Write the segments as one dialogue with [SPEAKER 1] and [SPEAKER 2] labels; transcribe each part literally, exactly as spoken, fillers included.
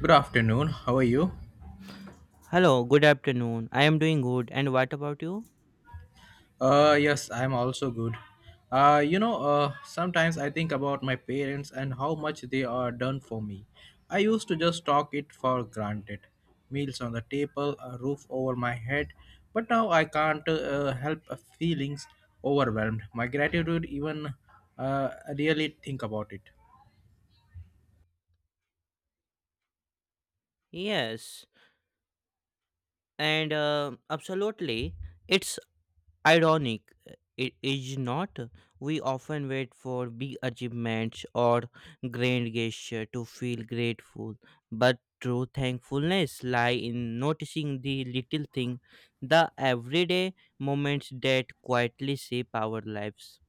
[SPEAKER 1] Good afternoon. How are you?
[SPEAKER 2] Hello, good afternoon. I am doing good. And what about you?
[SPEAKER 1] Uh, yes, I'm also good. Uh, you know, uh, sometimes I think about my parents and how much they are done for me. I used to just talk it for granted. Meals on the table, a roof over my head, but now I can't uh, help uh, feelings overwhelmed. My gratitude even uh, really think about it.
[SPEAKER 2] Yes, and uh, absolutely, it's ironic. uh, It is not. We often wait for big achievements or grand gesture to feel grateful, but true thankfulness lie in noticing the little thing, the everyday moments that quietly shape our lives.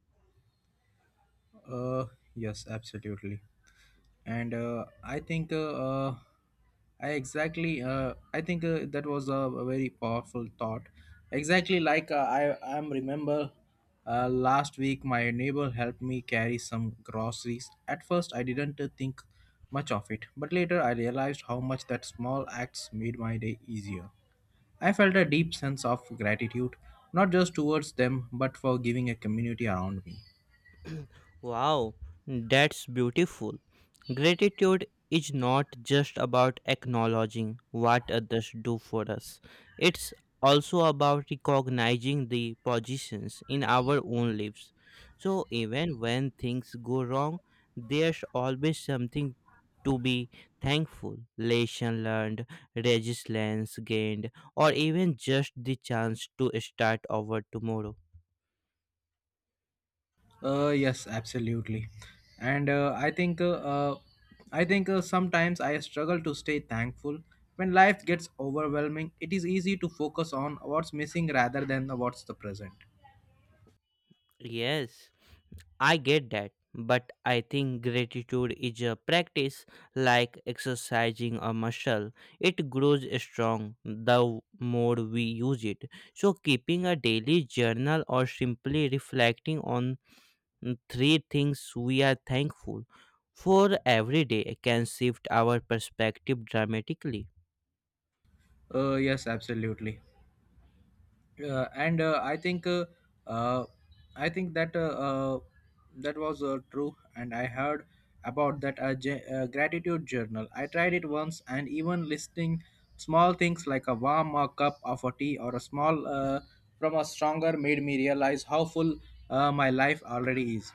[SPEAKER 1] Uh, yes, absolutely. and uh, i think uh, uh, i exactly uh, I think uh, that was a, a very powerful thought exactly like uh, I am remember uh, last week my neighbor helped me carry some groceries. At first I didn't uh, think much of it, but later I realized how much that small acts made my day easier. I felt a deep sense of gratitude, not just towards them but for giving a community around me.
[SPEAKER 2] Wow, that's beautiful. Gratitude is not just about acknowledging what others do for us, it's also about recognizing the positions in our own lives. So, even when things go wrong, there's always something to be thankful lesson learned, resilience gained, or even just the chance to start over tomorrow.
[SPEAKER 1] Uh, yes, absolutely. And uh, I think uh, uh, I think uh, sometimes I struggle to stay thankful. When life gets overwhelming, it is easy to focus on what's missing rather than the what's the present.
[SPEAKER 2] Yes. I get that, but I think gratitude is a practice like exercising a muscle. It grows strong the more we use it. So, keeping a daily journal or simply reflecting on three things we are thankful for every day can shift our perspective dramatically.
[SPEAKER 1] Uh, yes, absolutely. uh, and uh, I think uh, uh, I think that uh, uh, that was uh, true, and I heard about that uh, j- uh, gratitude journal. I tried it once, and even listing small things like a warm uh, cup of a tea or a small uh, from a stronger made me realize how full uh, my life already is.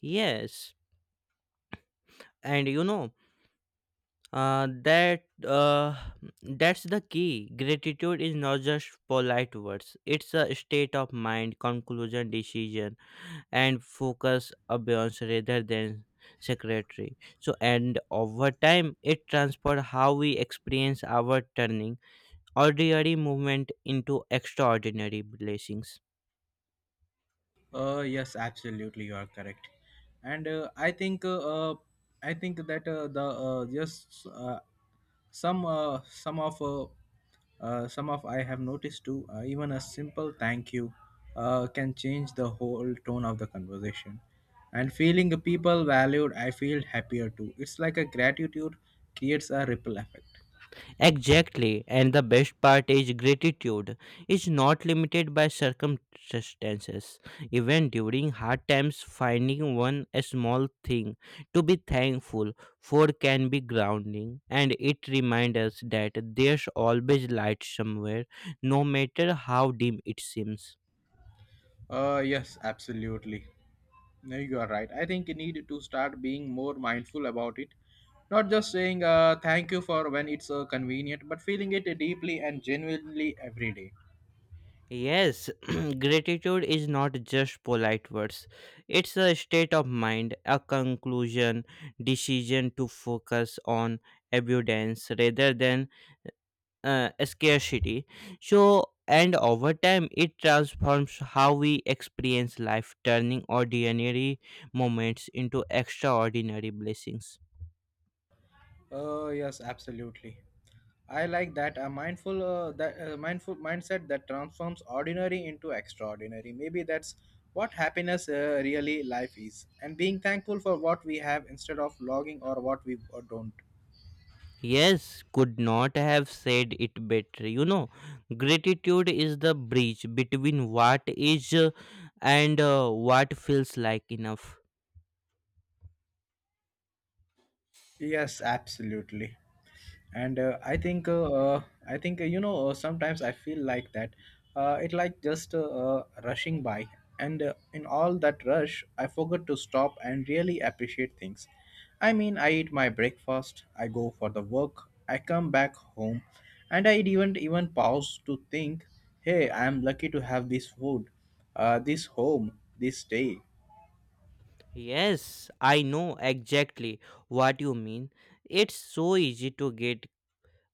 [SPEAKER 2] Yes. and you know. Uh, that uh, That's the key. Gratitude is not just polite words, it's a state of mind, conclusion, decision, and focus abeyance rather than secretary. So, and over time it transforms how we experience our turning ordinary movement into extraordinary blessings.
[SPEAKER 1] Uh, yes, absolutely, you are correct, and uh, I think uh, uh, I think that uh, the uh, just uh, some uh, some of uh, uh, some of I have noticed too. Uh, even a simple thank you uh, can change the whole tone of the conversation, and feeling people valued, I feel happier too. It's like a gratitude creates a ripple effect.
[SPEAKER 2] Exactly, and the best part is gratitude is not limited by circumstances. Even during hard times, finding one a small thing to be thankful for can be grounding, and it reminds us that there's always light somewhere, no matter how dim it seems.
[SPEAKER 1] Uh, yes, absolutely. No, you are right. I think you need to start being more mindful about it. Not just saying uh, thank you for when it's uh, convenient, but feeling it deeply and genuinely every day.
[SPEAKER 2] Yes, gratitude is not just polite words. It's a state of mind, a conclusion, decision to focus on abundance rather than uh, scarcity. So, and over time, it transforms how we experience life, turning ordinary moments into extraordinary blessings.
[SPEAKER 1] Oh yes, absolutely. I like that a mindful uh, that uh, mindful mindset that transforms ordinary into extraordinary. Maybe that's what happiness uh, really life is, and being thankful for what we have instead of logging or what we uh, don't.
[SPEAKER 2] Yes, could not have said it better. You know, gratitude is the bridge between what is uh, and uh, what feels like enough.
[SPEAKER 1] Yes, absolutely. and uh, i think uh, uh, i think uh, you know uh, sometimes I feel like that uh, it like just uh, uh, rushing by, and uh, in all that rush I forgot to stop and really appreciate things. I mean, I eat my breakfast, I go for the work, I come back home, and I even even pause to think, hey, I am lucky to have this food, uh, this home, this day.
[SPEAKER 2] Yes, I know exactly what you mean. It's so easy to get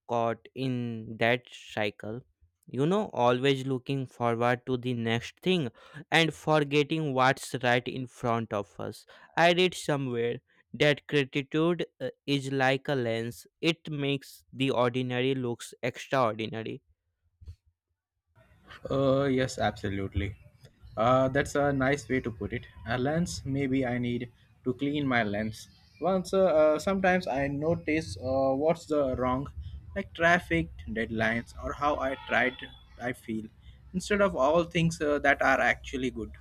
[SPEAKER 2] caught in that cycle, you know, always looking forward to the next thing and forgetting what's right in front of us. I read somewhere that gratitude uh, is like a lens. It makes the ordinary looks extraordinary.
[SPEAKER 1] Uh, yes, absolutely. Uh, that's a nice way to put it. A lens, maybe I need to clean my lens. Once, uh, uh, sometimes I notice uh, what's the wrong, like traffic, deadlines, or how I tried, I feel, instead of all things uh, that are actually good.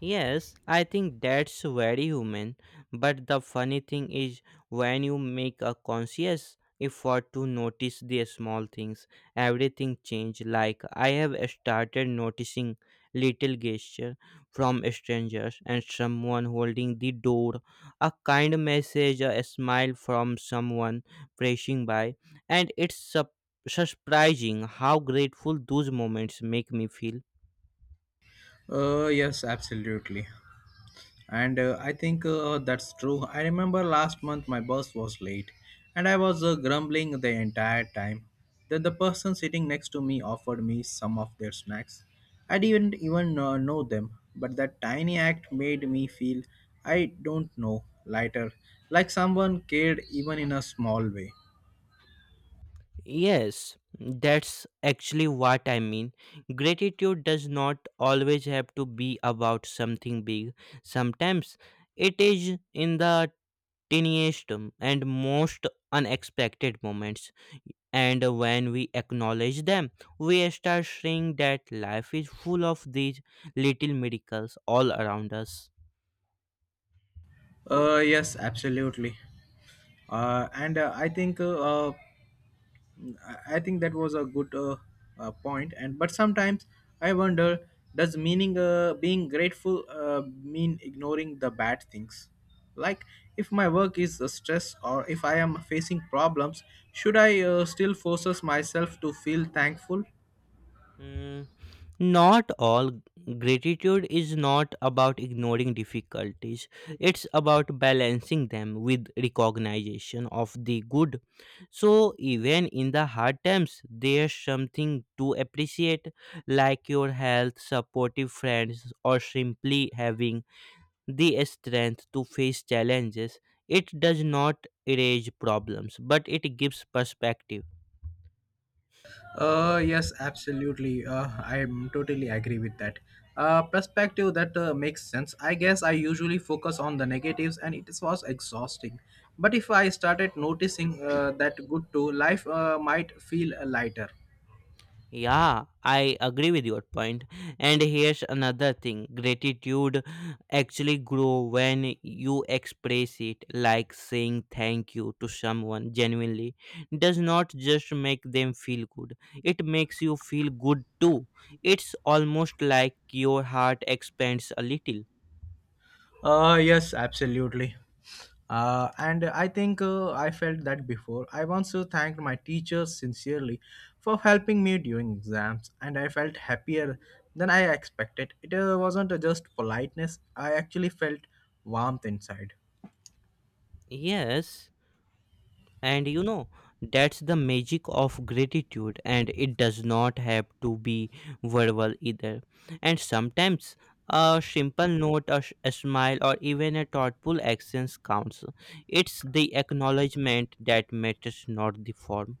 [SPEAKER 2] Yes, I think that's very human. But the funny thing is, when you make a conscious effort to notice the small things, everything changes. Like I have started noticing little gesture from strangers and someone holding the door, a kind message, a smile from someone passing by, and it's sup- surprising how grateful those moments make me feel.
[SPEAKER 1] Uh, yes, absolutely. And uh, I think uh, that's true. I remember last month my bus was late and I was uh, grumbling the entire time. Then the person sitting next to me offered me some of their snacks. I didn't even uh, know them, but that tiny act made me feel, I don't know, lighter, like someone cared even in a small way.
[SPEAKER 2] Yes, that's actually what I mean. Gratitude does not always have to be about something big. Sometimes it is in the tiniest and most unexpected moments. And when we acknowledge them, we start seeing that life is full of these little miracles all around us.
[SPEAKER 1] Uh, yes, absolutely. Uh, and uh, I think uh, uh, I I think that was a good uh, uh, point. And but sometimes I wonder, does meaning uh, being grateful uh, mean ignoring the bad things? Like if my work is a stress or if I am facing problems, should I uh, still forces myself to feel thankful?
[SPEAKER 2] Hmm. Not all gratitude is not about ignoring difficulties, it's about balancing them with recognition of the good. So, even in the hard times, there's something to appreciate, like your health, supportive friends, or simply having the strength to face challenges. It does not erase problems, but it gives perspective.
[SPEAKER 1] Uh, yes, absolutely. Uh, I'm totally agree with that. Uh, perspective that uh, makes sense. I guess I usually focus on the negatives, and it was exhausting. But if I started noticing uh, that good too, life uh, might feel lighter.
[SPEAKER 2] Yeah, I agree with your point. And here's another thing: gratitude actually grow when you express it, like saying thank you to someone genuinely does not just make them feel good, it makes you feel good too. It's almost like your heart expands a little.
[SPEAKER 1] Uh, yes, absolutely. Uh, and I think uh, I felt that before. I once uh, thanked my teachers sincerely for helping me during exams, and I felt happier than I expected. It uh, wasn't uh, just politeness, I actually felt warmth inside.
[SPEAKER 2] Yes, and you know that's the magic of gratitude, and it does not have to be verbal either. And sometimes a simple note, a, sh- a smile, or even a thoughtful actions counts. It's the acknowledgement that matters, not the form.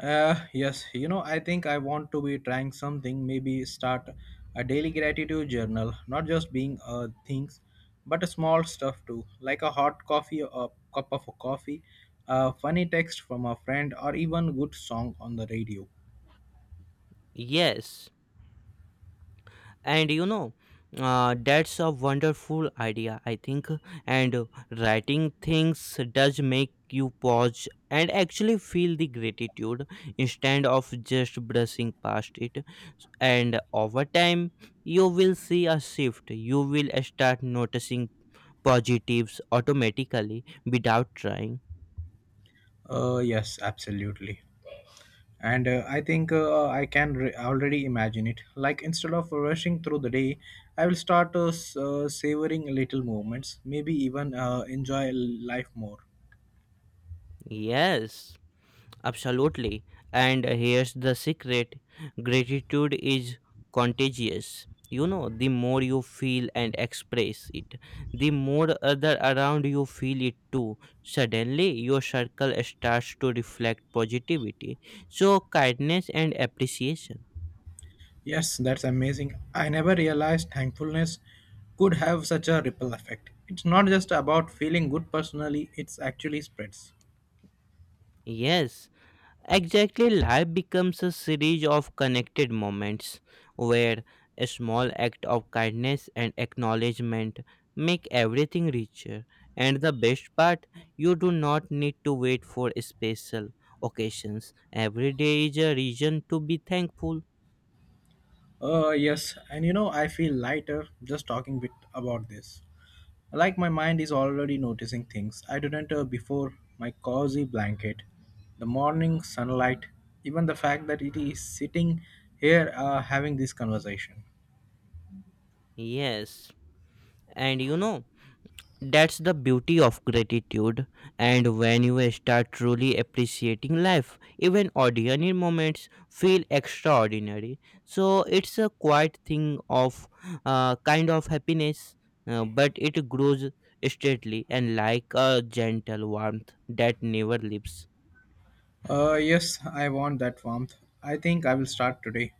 [SPEAKER 1] Uh, yes, you know, I think I want to be trying something, maybe start a daily gratitude journal, not just being uh, things, but a small stuff too, like a hot coffee, a cup of coffee, a funny text from a friend, or even good song on the radio.
[SPEAKER 2] Yes, and you know, uh, that's a wonderful idea, I think. And uh, Writing things does make you pause and actually feel the gratitude instead of just brushing past it S- And over time you will see a shift. You will start noticing positives automatically without trying.
[SPEAKER 1] Uh, yes, absolutely. And uh, I think uh, I can re- already imagine it. Like instead of rushing through the day, I will start uh, s- uh, savoring little moments, maybe even uh, enjoy life more.
[SPEAKER 2] Yes. Absolutely. And here's the secret: gratitude is contagious. You know, the more you feel and express it, the more other around you feel it too. Suddenly, your circle starts to reflect positivity. So, kindness and appreciation.
[SPEAKER 1] Yes, that's amazing. I never realized thankfulness could have such a ripple effect. It's not just about feeling good personally, it's actually spreads.
[SPEAKER 2] Yes, exactly, life becomes a series of connected moments where a small act of kindness and acknowledgement make everything richer. And the best part, you do not need to wait for special occasions. Every day is a reason to be thankful.
[SPEAKER 1] Uh yes, and you know, I feel lighter just talking bit about this. Like my mind is already noticing things I didn't uh, before: my cozy blanket, the morning sunlight, even the fact that it is sitting here uh, having this conversation.
[SPEAKER 2] Yes. And you know, That's the beauty of gratitude, and when you start truly appreciating life, even ordinary moments feel extraordinary. So it's a quiet thing of uh, kind of happiness, uh, but it grows steadily and like a gentle warmth that never leaves.
[SPEAKER 1] Uh, yes, I want that warmth. I think I will start today.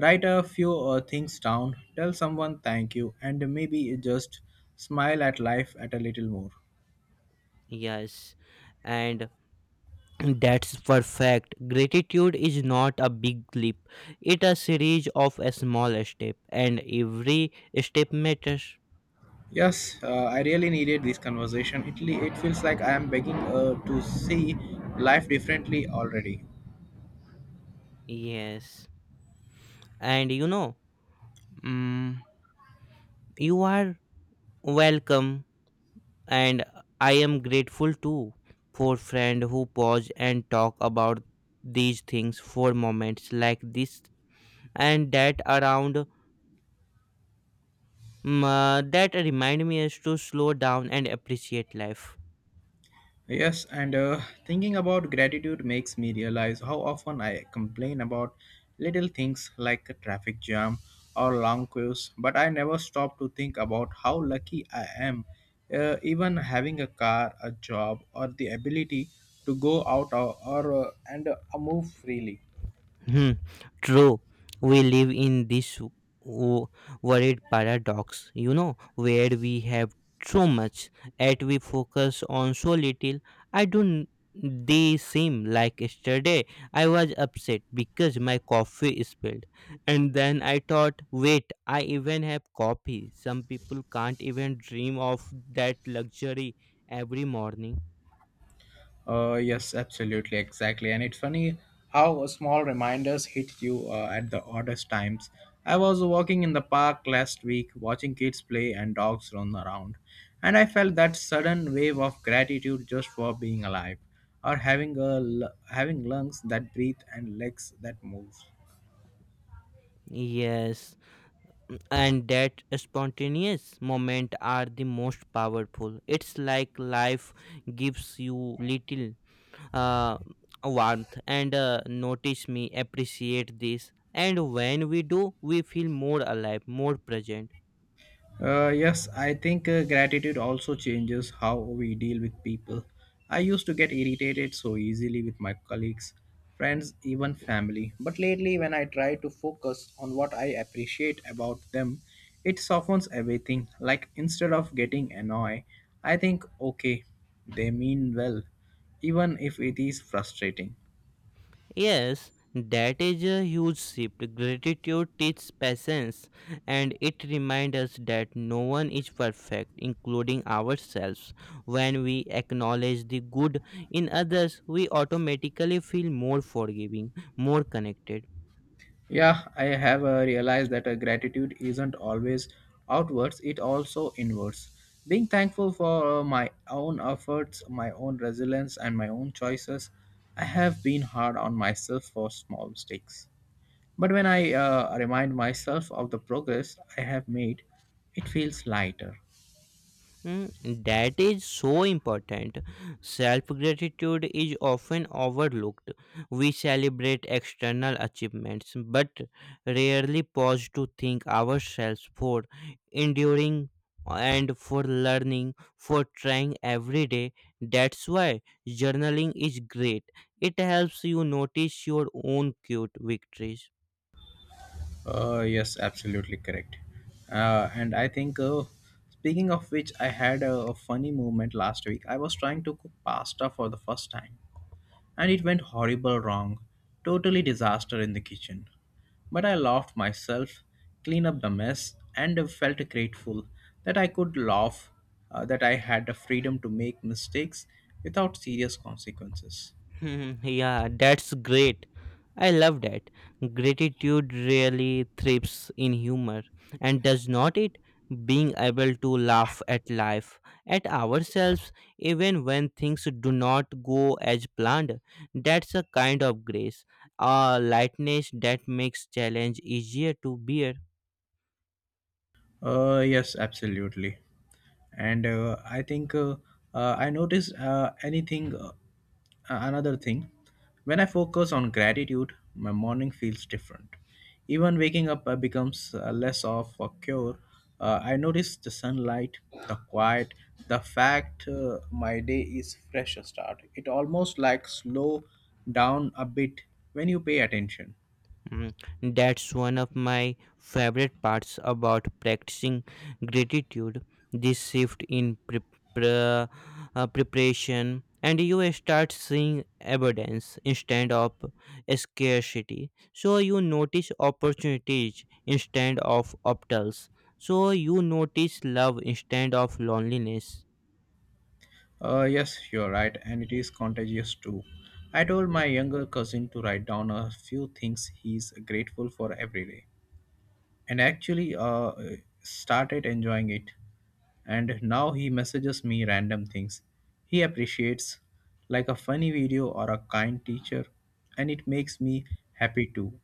[SPEAKER 1] Write a few uh, things down, tell someone thank you, and maybe just smile at life at a little more.
[SPEAKER 2] Yes, and that's perfect. Gratitude is not a big leap; it a series of a small step, and every step matters.
[SPEAKER 1] Yes, uh, I really needed this conversation. It, le- it feels like I am begging uh, to see life differently already.
[SPEAKER 2] Yes. And you know, mm, you are welcome, and I am grateful too for friend who pause and talk about these things, for moments like this, and that around mm, uh, that remind me is to slow down and appreciate life.
[SPEAKER 1] Yes, and uh, thinking about gratitude makes me realize how often I complain about little things like a traffic jam or long queues, but I never stop to think about how lucky I am, uh, even having a car, a job, or the ability to go out or, or uh, and uh, move freely.
[SPEAKER 2] Hmm, true. We live in this wo- worried paradox, you know, where we have so much, yet we focus on so little. I don't. They seem like yesterday. I was upset because my coffee spilled, and then I thought, wait, I even have coffee. Some people can't even dream of that luxury every morning.
[SPEAKER 1] Uh, yes, absolutely, exactly. And it's funny how small reminders hit you uh, at the oddest times. I was walking in the park last week, watching kids play and dogs run around, and I felt that sudden wave of gratitude just for being alive, or having a l- having lungs that breathe and legs that move.
[SPEAKER 2] Yes, and that spontaneous moment are the most powerful. It's like life gives you little uh, warmth and uh, notice me appreciate this, and when we do we feel more alive, more present.
[SPEAKER 1] Uh, yes, I think uh, gratitude also changes how we deal with people. I used to get irritated so easily with my colleagues, friends, even family. But lately, when I try to focus on what I appreciate about them, it softens everything. Like instead of getting annoyed, I think, okay, they mean well, even if it is frustrating.
[SPEAKER 2] Yes, that is a huge shift. Gratitude teaches patience, and it reminds us that no one is perfect, including ourselves. When we acknowledge the good in others, we automatically feel more forgiving, more connected.
[SPEAKER 1] Yeah, I have uh, realized that uh, gratitude isn't always outwards, it also inwards. Being thankful for uh, my own efforts, my own resilience, and my own choices, I have been hard on myself for small mistakes. But when I uh, remind myself of the progress I have made, it feels lighter.
[SPEAKER 2] Mm, that is so important. Self gratitude is often overlooked. We celebrate external achievements but rarely pause to thank ourselves for enduring, and for learning, for trying every day. That's why journaling is great. It helps you notice your own cute victories.
[SPEAKER 1] Uh, yes, absolutely correct. Uh, and I think, uh, speaking of which, I had a, a funny moment last week. I was trying to cook pasta for the first time and it went horrible wrong. Totally disaster in the kitchen. But I laughed myself, cleaned up the mess, and felt grateful that I could laugh, uh, that I had the freedom to make mistakes without serious consequences.
[SPEAKER 2] Mhm. Yeah, that's great. I love that. Gratitude really thrives in humor, and does not it? Being able to laugh at life, at ourselves, even when things do not go as planned, that's a kind of grace, a lightness that makes challenge easier to bear.
[SPEAKER 1] Uh, yes, absolutely. And uh, I think uh, uh, I notice uh, anything, uh, another thing. When I focus on gratitude, my morning feels different. Even waking up uh, becomes uh, less of a cure. Uh, I notice the sunlight, the quiet, the fact uh, my day is fresh start. It almost like slow down a bit when you pay attention.
[SPEAKER 2] Mm, that's one of my favorite parts about practicing gratitude. This shift in pre- pre- uh, preparation, and you start seeing abundance instead of scarcity. So you notice opportunities instead of obstacles. So you notice love instead of loneliness.
[SPEAKER 1] Uh, yes, you're right, and it is contagious too. I told my younger cousin to write down a few things he's grateful for every day, and actually uh, started enjoying it. And now he messages me random things he appreciates, like a funny video or a kind teacher, and it makes me happy too.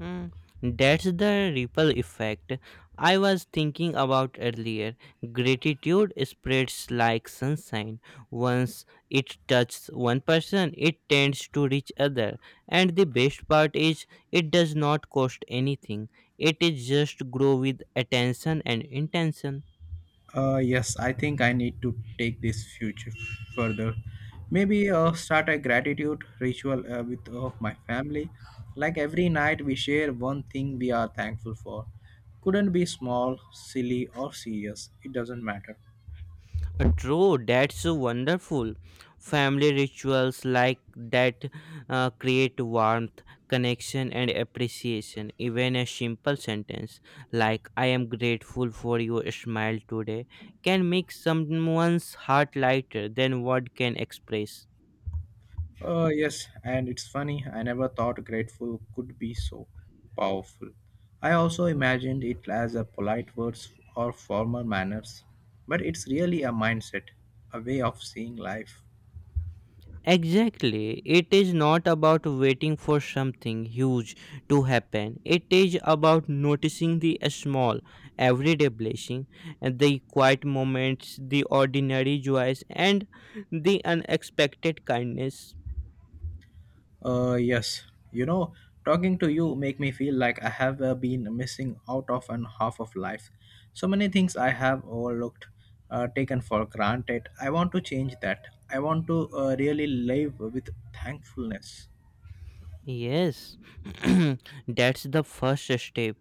[SPEAKER 2] Mm, that's the ripple effect I was thinking about earlier. Gratitude spreads like sunshine. Once it touches one person, it tends to reach other. And the best part is it does not cost anything. It is just grow with attention and intention.
[SPEAKER 1] Uh, yes, I think I need to take this future further. Maybe uh, start a gratitude ritual uh, with of my family. Like every night, we share one thing we are thankful for. Couldn't be small, silly, or serious. It doesn't matter.
[SPEAKER 2] Uh, True, that's so wonderful. Family rituals like that uh, create warmth, connection, and appreciation. Even a simple sentence like, I am grateful for your smile today, can make someone's heart lighter than what can express.
[SPEAKER 1] Uh, yes, and it's funny. I never thought grateful could be so powerful. I also imagined it as a polite words or formal manners, but it's really a mindset, a way of seeing life.
[SPEAKER 2] Exactly. It is not about waiting for something huge to happen. It is about noticing the small, everyday blessing, and the quiet moments, the ordinary joys, and the unexpected kindness.
[SPEAKER 1] Uh, yes. You know, talking to you make me feel like I have uh, been missing out of an half of life. So many things I have overlooked, uh, taken for granted. I want to change that. I want to uh, really live with thankfulness.
[SPEAKER 2] Yes, that's the first step.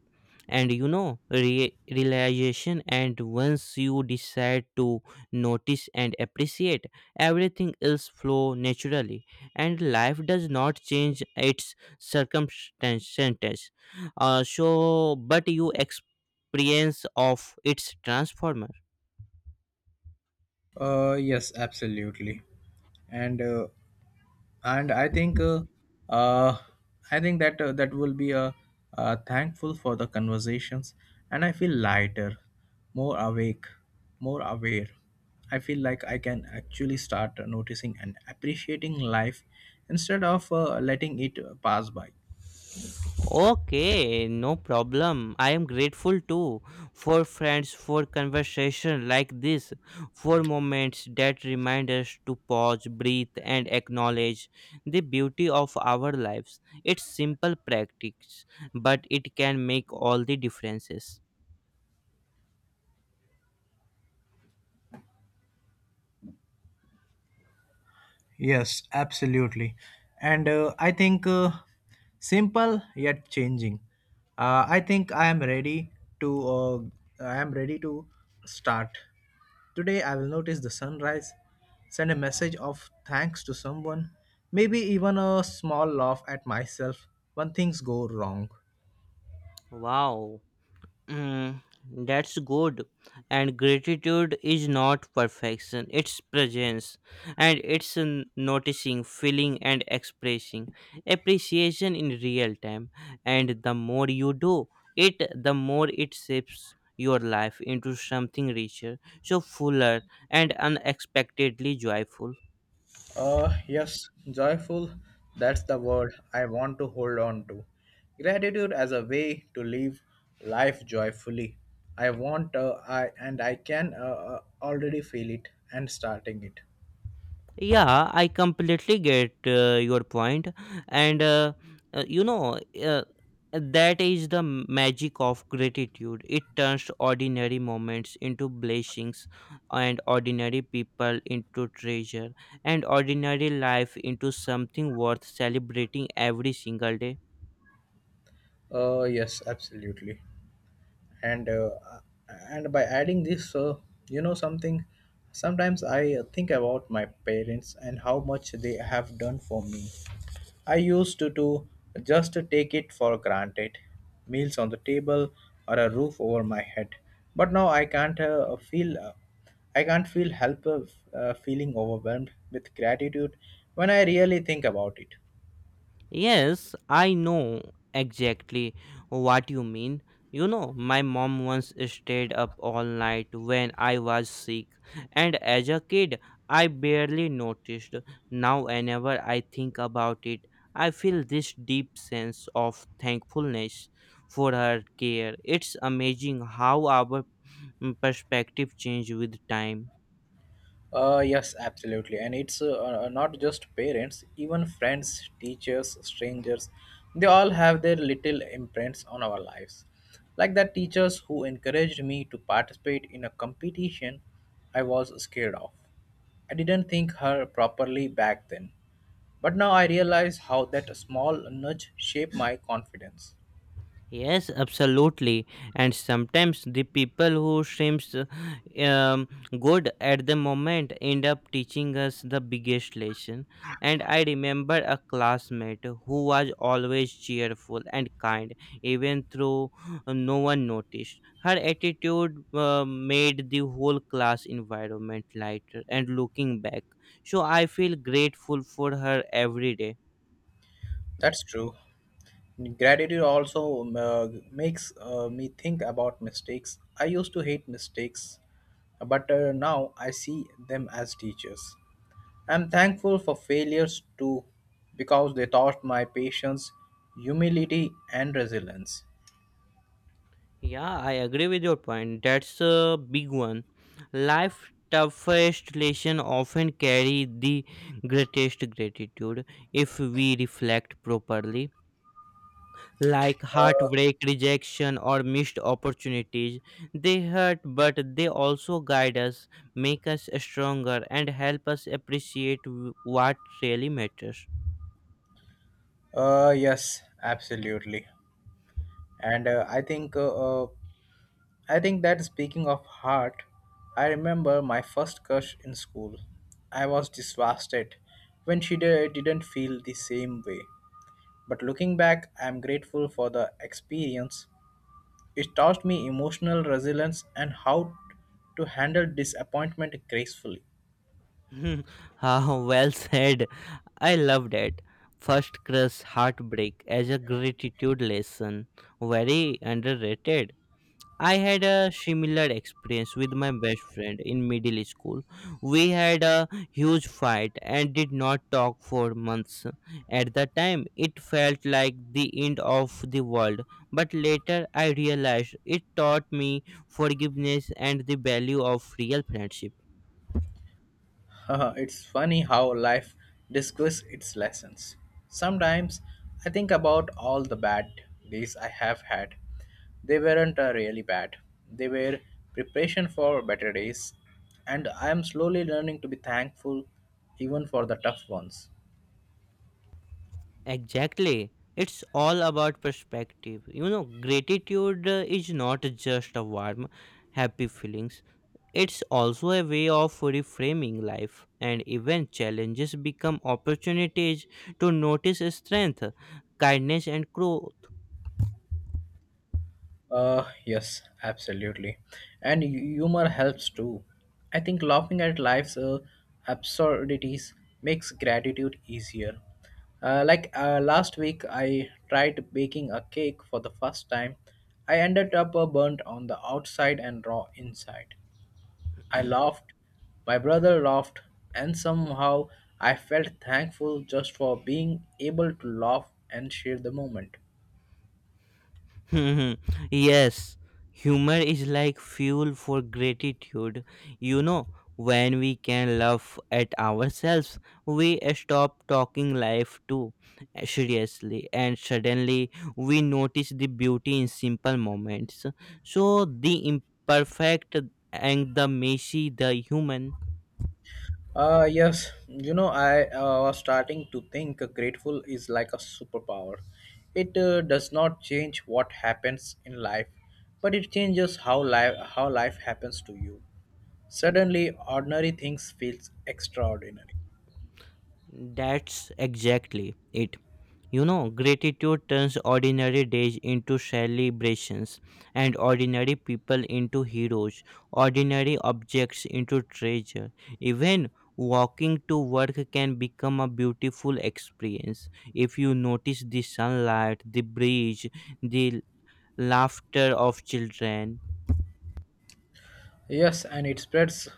[SPEAKER 2] And you know, re- realization, and once you decide to notice and appreciate, everything else flow naturally, and life does not change its circumstances. Uh, so, but you experience of its transformer.
[SPEAKER 1] Uh, yes, absolutely. And uh, and i think uh, uh, i think that uh, that will be a uh, thankful for the conversations, and I feel lighter, more awake, more aware. I feel like I can actually start noticing and appreciating life instead of uh, letting it pass by.
[SPEAKER 2] Okay, no problem. I am grateful too for friends, for conversation like this, for moments that remind us to pause, breathe, and acknowledge the beauty of our lives. It's simple practice, but it can make all the differences.
[SPEAKER 1] Yes, absolutely. And uh, I think uh, simple yet changing. Uh, I think I am ready to uh, I am ready to start. Today I will notice the sunrise, send a message of thanks to someone, maybe even a small laugh at myself when things go wrong.
[SPEAKER 2] Wow. Mm, that's good. And gratitude is not perfection, it's presence. And it's n- noticing, feeling, and expressing appreciation in real time. And the more you do it, the more it shapes your life into something richer, so fuller, and unexpectedly joyful.
[SPEAKER 1] Uh, yes, joyful. That's the word I want to hold on to. Gratitude as a way to live life joyfully. I want, uh, I and I can uh, uh, already feel it and starting it.
[SPEAKER 2] Yeah, I completely get uh, your point, and uh, uh, you know uh, that is the magic of gratitude. It turns ordinary moments into blessings, and ordinary people into treasure, and ordinary life into something worth celebrating every single day.
[SPEAKER 1] Uh, yes, absolutely. and uh, and by adding this uh, you know something, sometimes I think about my parents and how much they have done for me. I used to, to just take it for granted, meals on the table or a roof over my head. But now I can't uh, feel uh, I can't feel help of uh, feeling overwhelmed with gratitude when I really think about it.
[SPEAKER 2] Yes, I know exactly what you mean. You know, my mom once stayed up all night when I was sick, and as a kid, I barely noticed. Now, whenever I think about it, I feel this deep sense of thankfulness for her care. It's amazing how our mm, perspective changes with time.
[SPEAKER 1] Uh, yes, absolutely. And it's uh, uh, not just parents, even friends, teachers, strangers, they all have their little imprints on our lives. Like that teachers who encouraged me to participate in a competition I was scared of. I didn't think her properly back then, but now I realize how that small nudge shaped my confidence.
[SPEAKER 2] Yes, absolutely. And sometimes the people who seems uh, um, good at the moment end up teaching us the biggest lesson. And I remember a classmate who was always cheerful and kind, even though no one noticed. Her attitude uh, made the whole class environment lighter. And looking back, so I feel grateful for her every day.
[SPEAKER 1] That's true. Gratitude also um, uh, makes uh, me think about mistakes. I used to hate mistakes, but uh, now I see them as teachers. I'm thankful for failures too because they taught my patience, humility, and resilience.
[SPEAKER 2] Yeah, I agree with your point. That's a big one. Life toughest lesson often carry the greatest gratitude if we reflect properly. Like heartbreak, rejection, or missed opportunities, they hurt, but they also guide us, make us stronger, and help us appreciate w- what really matters.
[SPEAKER 1] Uh, yes, absolutely. And uh, I think uh, uh, I think that speaking of heart, I remember my first crush in school. I was devastated when she di- didn't feel the same way. But looking back, I am grateful for the experience. It taught me emotional resilience and how to handle disappointment gracefully.
[SPEAKER 2] Hmm, ah, well said. I love that. First crush heartbreak as a gratitude lesson. Very underrated. I had a similar experience with my best friend in middle school. We had a huge fight and did not talk for months. At the time, it felt like the end of the world, but later I realized it taught me forgiveness and the value of real friendship.
[SPEAKER 1] It's funny how life discovers its lessons. Sometimes I think about all the bad days I have had. They weren't uh, really bad, they were preparation for better days, and I am slowly learning to be thankful even for the tough ones.
[SPEAKER 2] Exactly. It's all about perspective. You know, gratitude uh, is not just a warm, happy feelings. It's also a way of reframing life, and even challenges become opportunities to notice strength, kindness, and growth.
[SPEAKER 1] Uh, yes, absolutely. And hu- humor helps too. I think laughing at life's uh, absurdities makes gratitude easier. Uh, like uh, last week, I tried baking a cake for the first time. I ended up uh, burnt on the outside and raw inside. I laughed, my brother laughed, and somehow I felt thankful just for being able to laugh and share the moment.
[SPEAKER 2] Hmm, yes, humor is like fuel for gratitude. You know, when we can laugh at ourselves, we stop talking life too seriously, and suddenly we notice the beauty in simple moments. So, the imperfect and the messy, the human,
[SPEAKER 1] Uh, yes, you know, I uh, was starting to think grateful is like a superpower. It uh, does not change what happens in life, but it changes how life how life happens to you. Suddenly, ordinary things feels extraordinary.
[SPEAKER 2] that's exactly it. You know, gratitude turns ordinary days into celebrations and ordinary people into heroes, ordinary objects into treasure. Even walking to work can become a beautiful experience if you notice the sunlight, the breeze, the laughter of children.
[SPEAKER 1] Yes, and it spreads.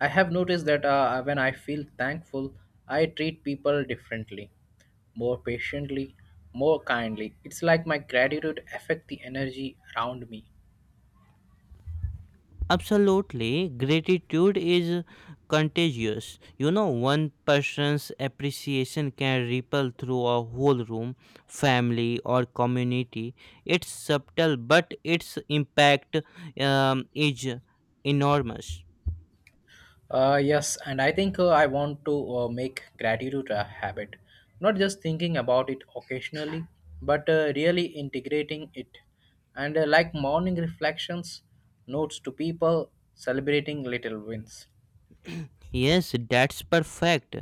[SPEAKER 1] I have noticed that uh, when I feel thankful, I treat people differently, more patiently, more kindly. It's like my gratitude affect the energy around me.
[SPEAKER 2] Absolutely, gratitude is contagious. You know, one person's appreciation can ripple through a whole room, family, or community. It's subtle, but its impact um, is enormous.
[SPEAKER 1] Uh, yes, and I think uh, I want to uh, make gratitude a habit, not just thinking about it occasionally, but uh, really integrating it. And uh, like morning reflections, notes to people, celebrating little wins.
[SPEAKER 2] Yes, that's perfect.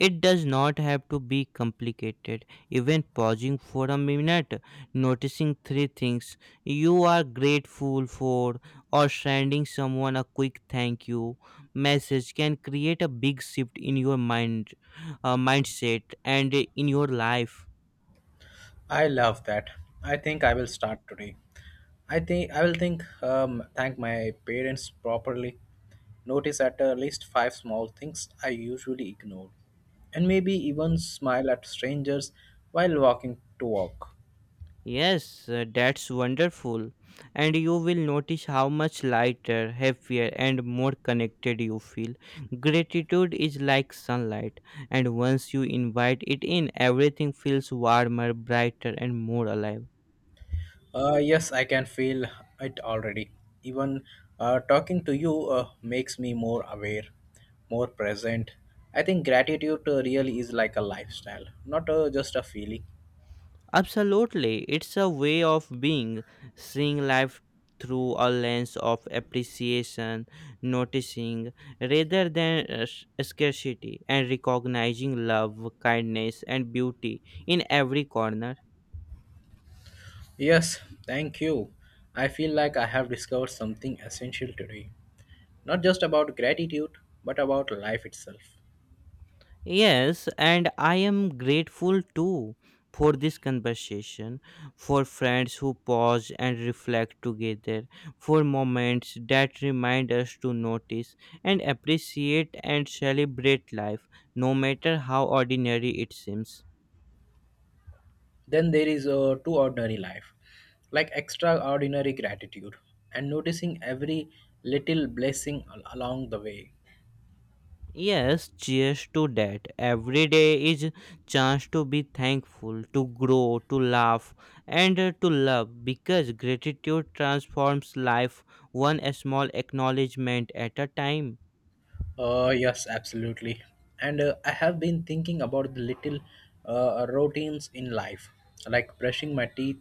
[SPEAKER 2] It does not have to be complicated. Even pausing for a minute, noticing three things you are grateful for, or sending someone a quick thank you message can create a big shift in your mind, uh, mindset, and in your life.
[SPEAKER 1] I love that. I think I will start today. I think I will think um, thank my parents properly, notice at uh, least five small things I usually ignore, and maybe even smile at strangers while walking to work.
[SPEAKER 2] Yes, uh, that's wonderful. And you will notice how much lighter, happier, and more connected you feel. Gratitude is like sunlight, and once you invite it in, everything feels warmer, brighter, and more alive.
[SPEAKER 1] Uh, yes, I can feel it already. Even uh, talking to you uh, makes me more aware, more present. I think gratitude uh, really is like a lifestyle, not uh, just a feeling.
[SPEAKER 2] Absolutely. It's a way of being, seeing life through a lens of appreciation, noticing rather than uh, s- scarcity, and recognizing love, kindness, and beauty in every corner.
[SPEAKER 1] Yes, thank you. I feel like I have discovered something essential today. Not just about gratitude, but about life itself.
[SPEAKER 2] Yes, and I am grateful too for this conversation, for friends who pause and reflect together, for moments that remind us to notice and appreciate and celebrate life, no matter how ordinary it seems.
[SPEAKER 1] Then there is a too ordinary life, like extraordinary gratitude and noticing every little blessing al- along the way.
[SPEAKER 2] Yes, cheers to that. Every day is chance to be thankful, to grow, to laugh, and uh, to love because gratitude transforms life one small acknowledgement at a time.
[SPEAKER 1] Uh, yes, absolutely. And uh, I have been thinking about the little uh, routines in life, like brushing my teeth,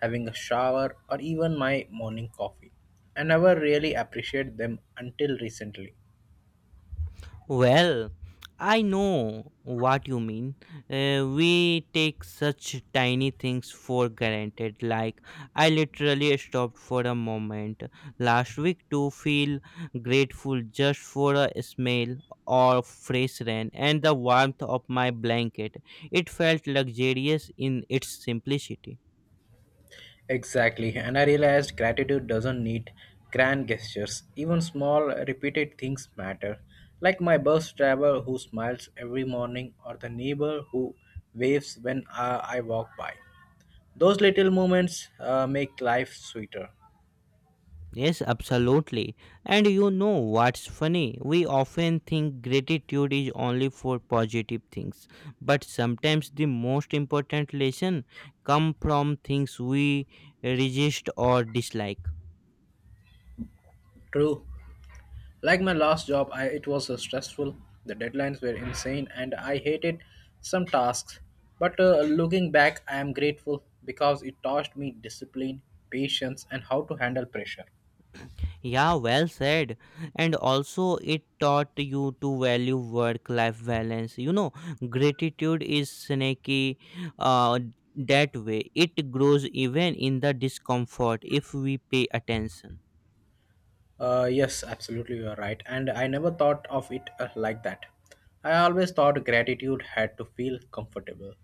[SPEAKER 1] having a shower, or even my morning coffee. I never really appreciate them until recently.
[SPEAKER 2] Well, I know what you mean. Uh, we take such tiny things for granted. Like, I literally stopped for a moment last week to feel grateful just for a smell or fresh rain and the warmth of my blanket. It felt luxurious in its simplicity.
[SPEAKER 1] Exactly, and I realized gratitude doesn't need grand gestures. Even small, repeated things matter, like my bus driver who smiles every morning or the neighbor who waves when uh, I walk by. Those little moments uh, make life sweeter.
[SPEAKER 2] Yes, absolutely. And you know what's funny? We often think gratitude is only for positive things, but sometimes the most important lesson come from things we resist or dislike.
[SPEAKER 1] True. Like my last job, I, it was uh, stressful. The deadlines were insane, and I hated some tasks. But uh, looking back, I am grateful because it taught me discipline, patience, and how to handle pressure.
[SPEAKER 2] Yeah, well said. And also it taught you to value work life balance. You know, gratitude is snaky uh that way. It grows even in the discomfort if we pay attention.
[SPEAKER 1] Uh, yes, absolutely, you are right. And I never thought of it uh, like that. I always thought gratitude had to feel comfortable,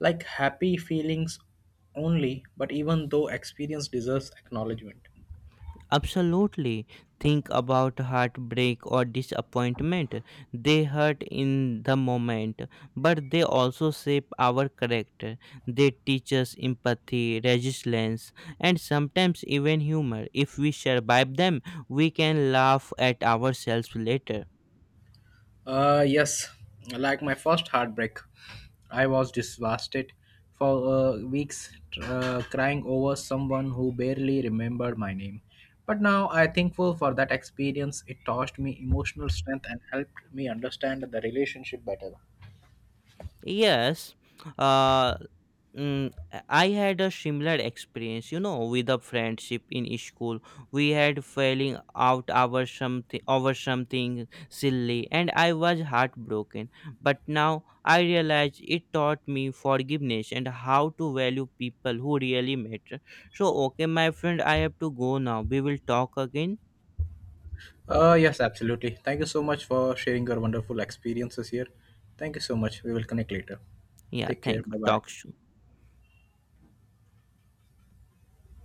[SPEAKER 1] like happy feelings only, but even though experience deserves acknowledgement.
[SPEAKER 2] Absolutely. Think about heartbreak or disappointment. They hurt in the moment, but they also shape our character. They teach us empathy, resilience, and sometimes even humor. If we survive them, we can laugh at ourselves later.
[SPEAKER 1] Uh, yes, like my first heartbreak, I was devastated for uh, weeks, uh, crying over someone who barely remembered my name. But now I'm thankful for that experience. It taught me emotional strength and helped me understand the relationship better.
[SPEAKER 2] Yes, uh, mm, I had a similar experience, you know, with a friendship in school. We had falling out over something, over something silly, and I was heartbroken. But now I realize it taught me forgiveness and how to value people who really matter. So, okay, my friend, I have to go now. We will talk again.
[SPEAKER 1] Uh, yes, absolutely. Thank you so much for sharing your wonderful experiences here. Thank you so much. We will connect later.
[SPEAKER 2] Yeah,
[SPEAKER 1] Take care.
[SPEAKER 2] thank.
[SPEAKER 1] Bye
[SPEAKER 2] Talk
[SPEAKER 1] bye.
[SPEAKER 2] soon.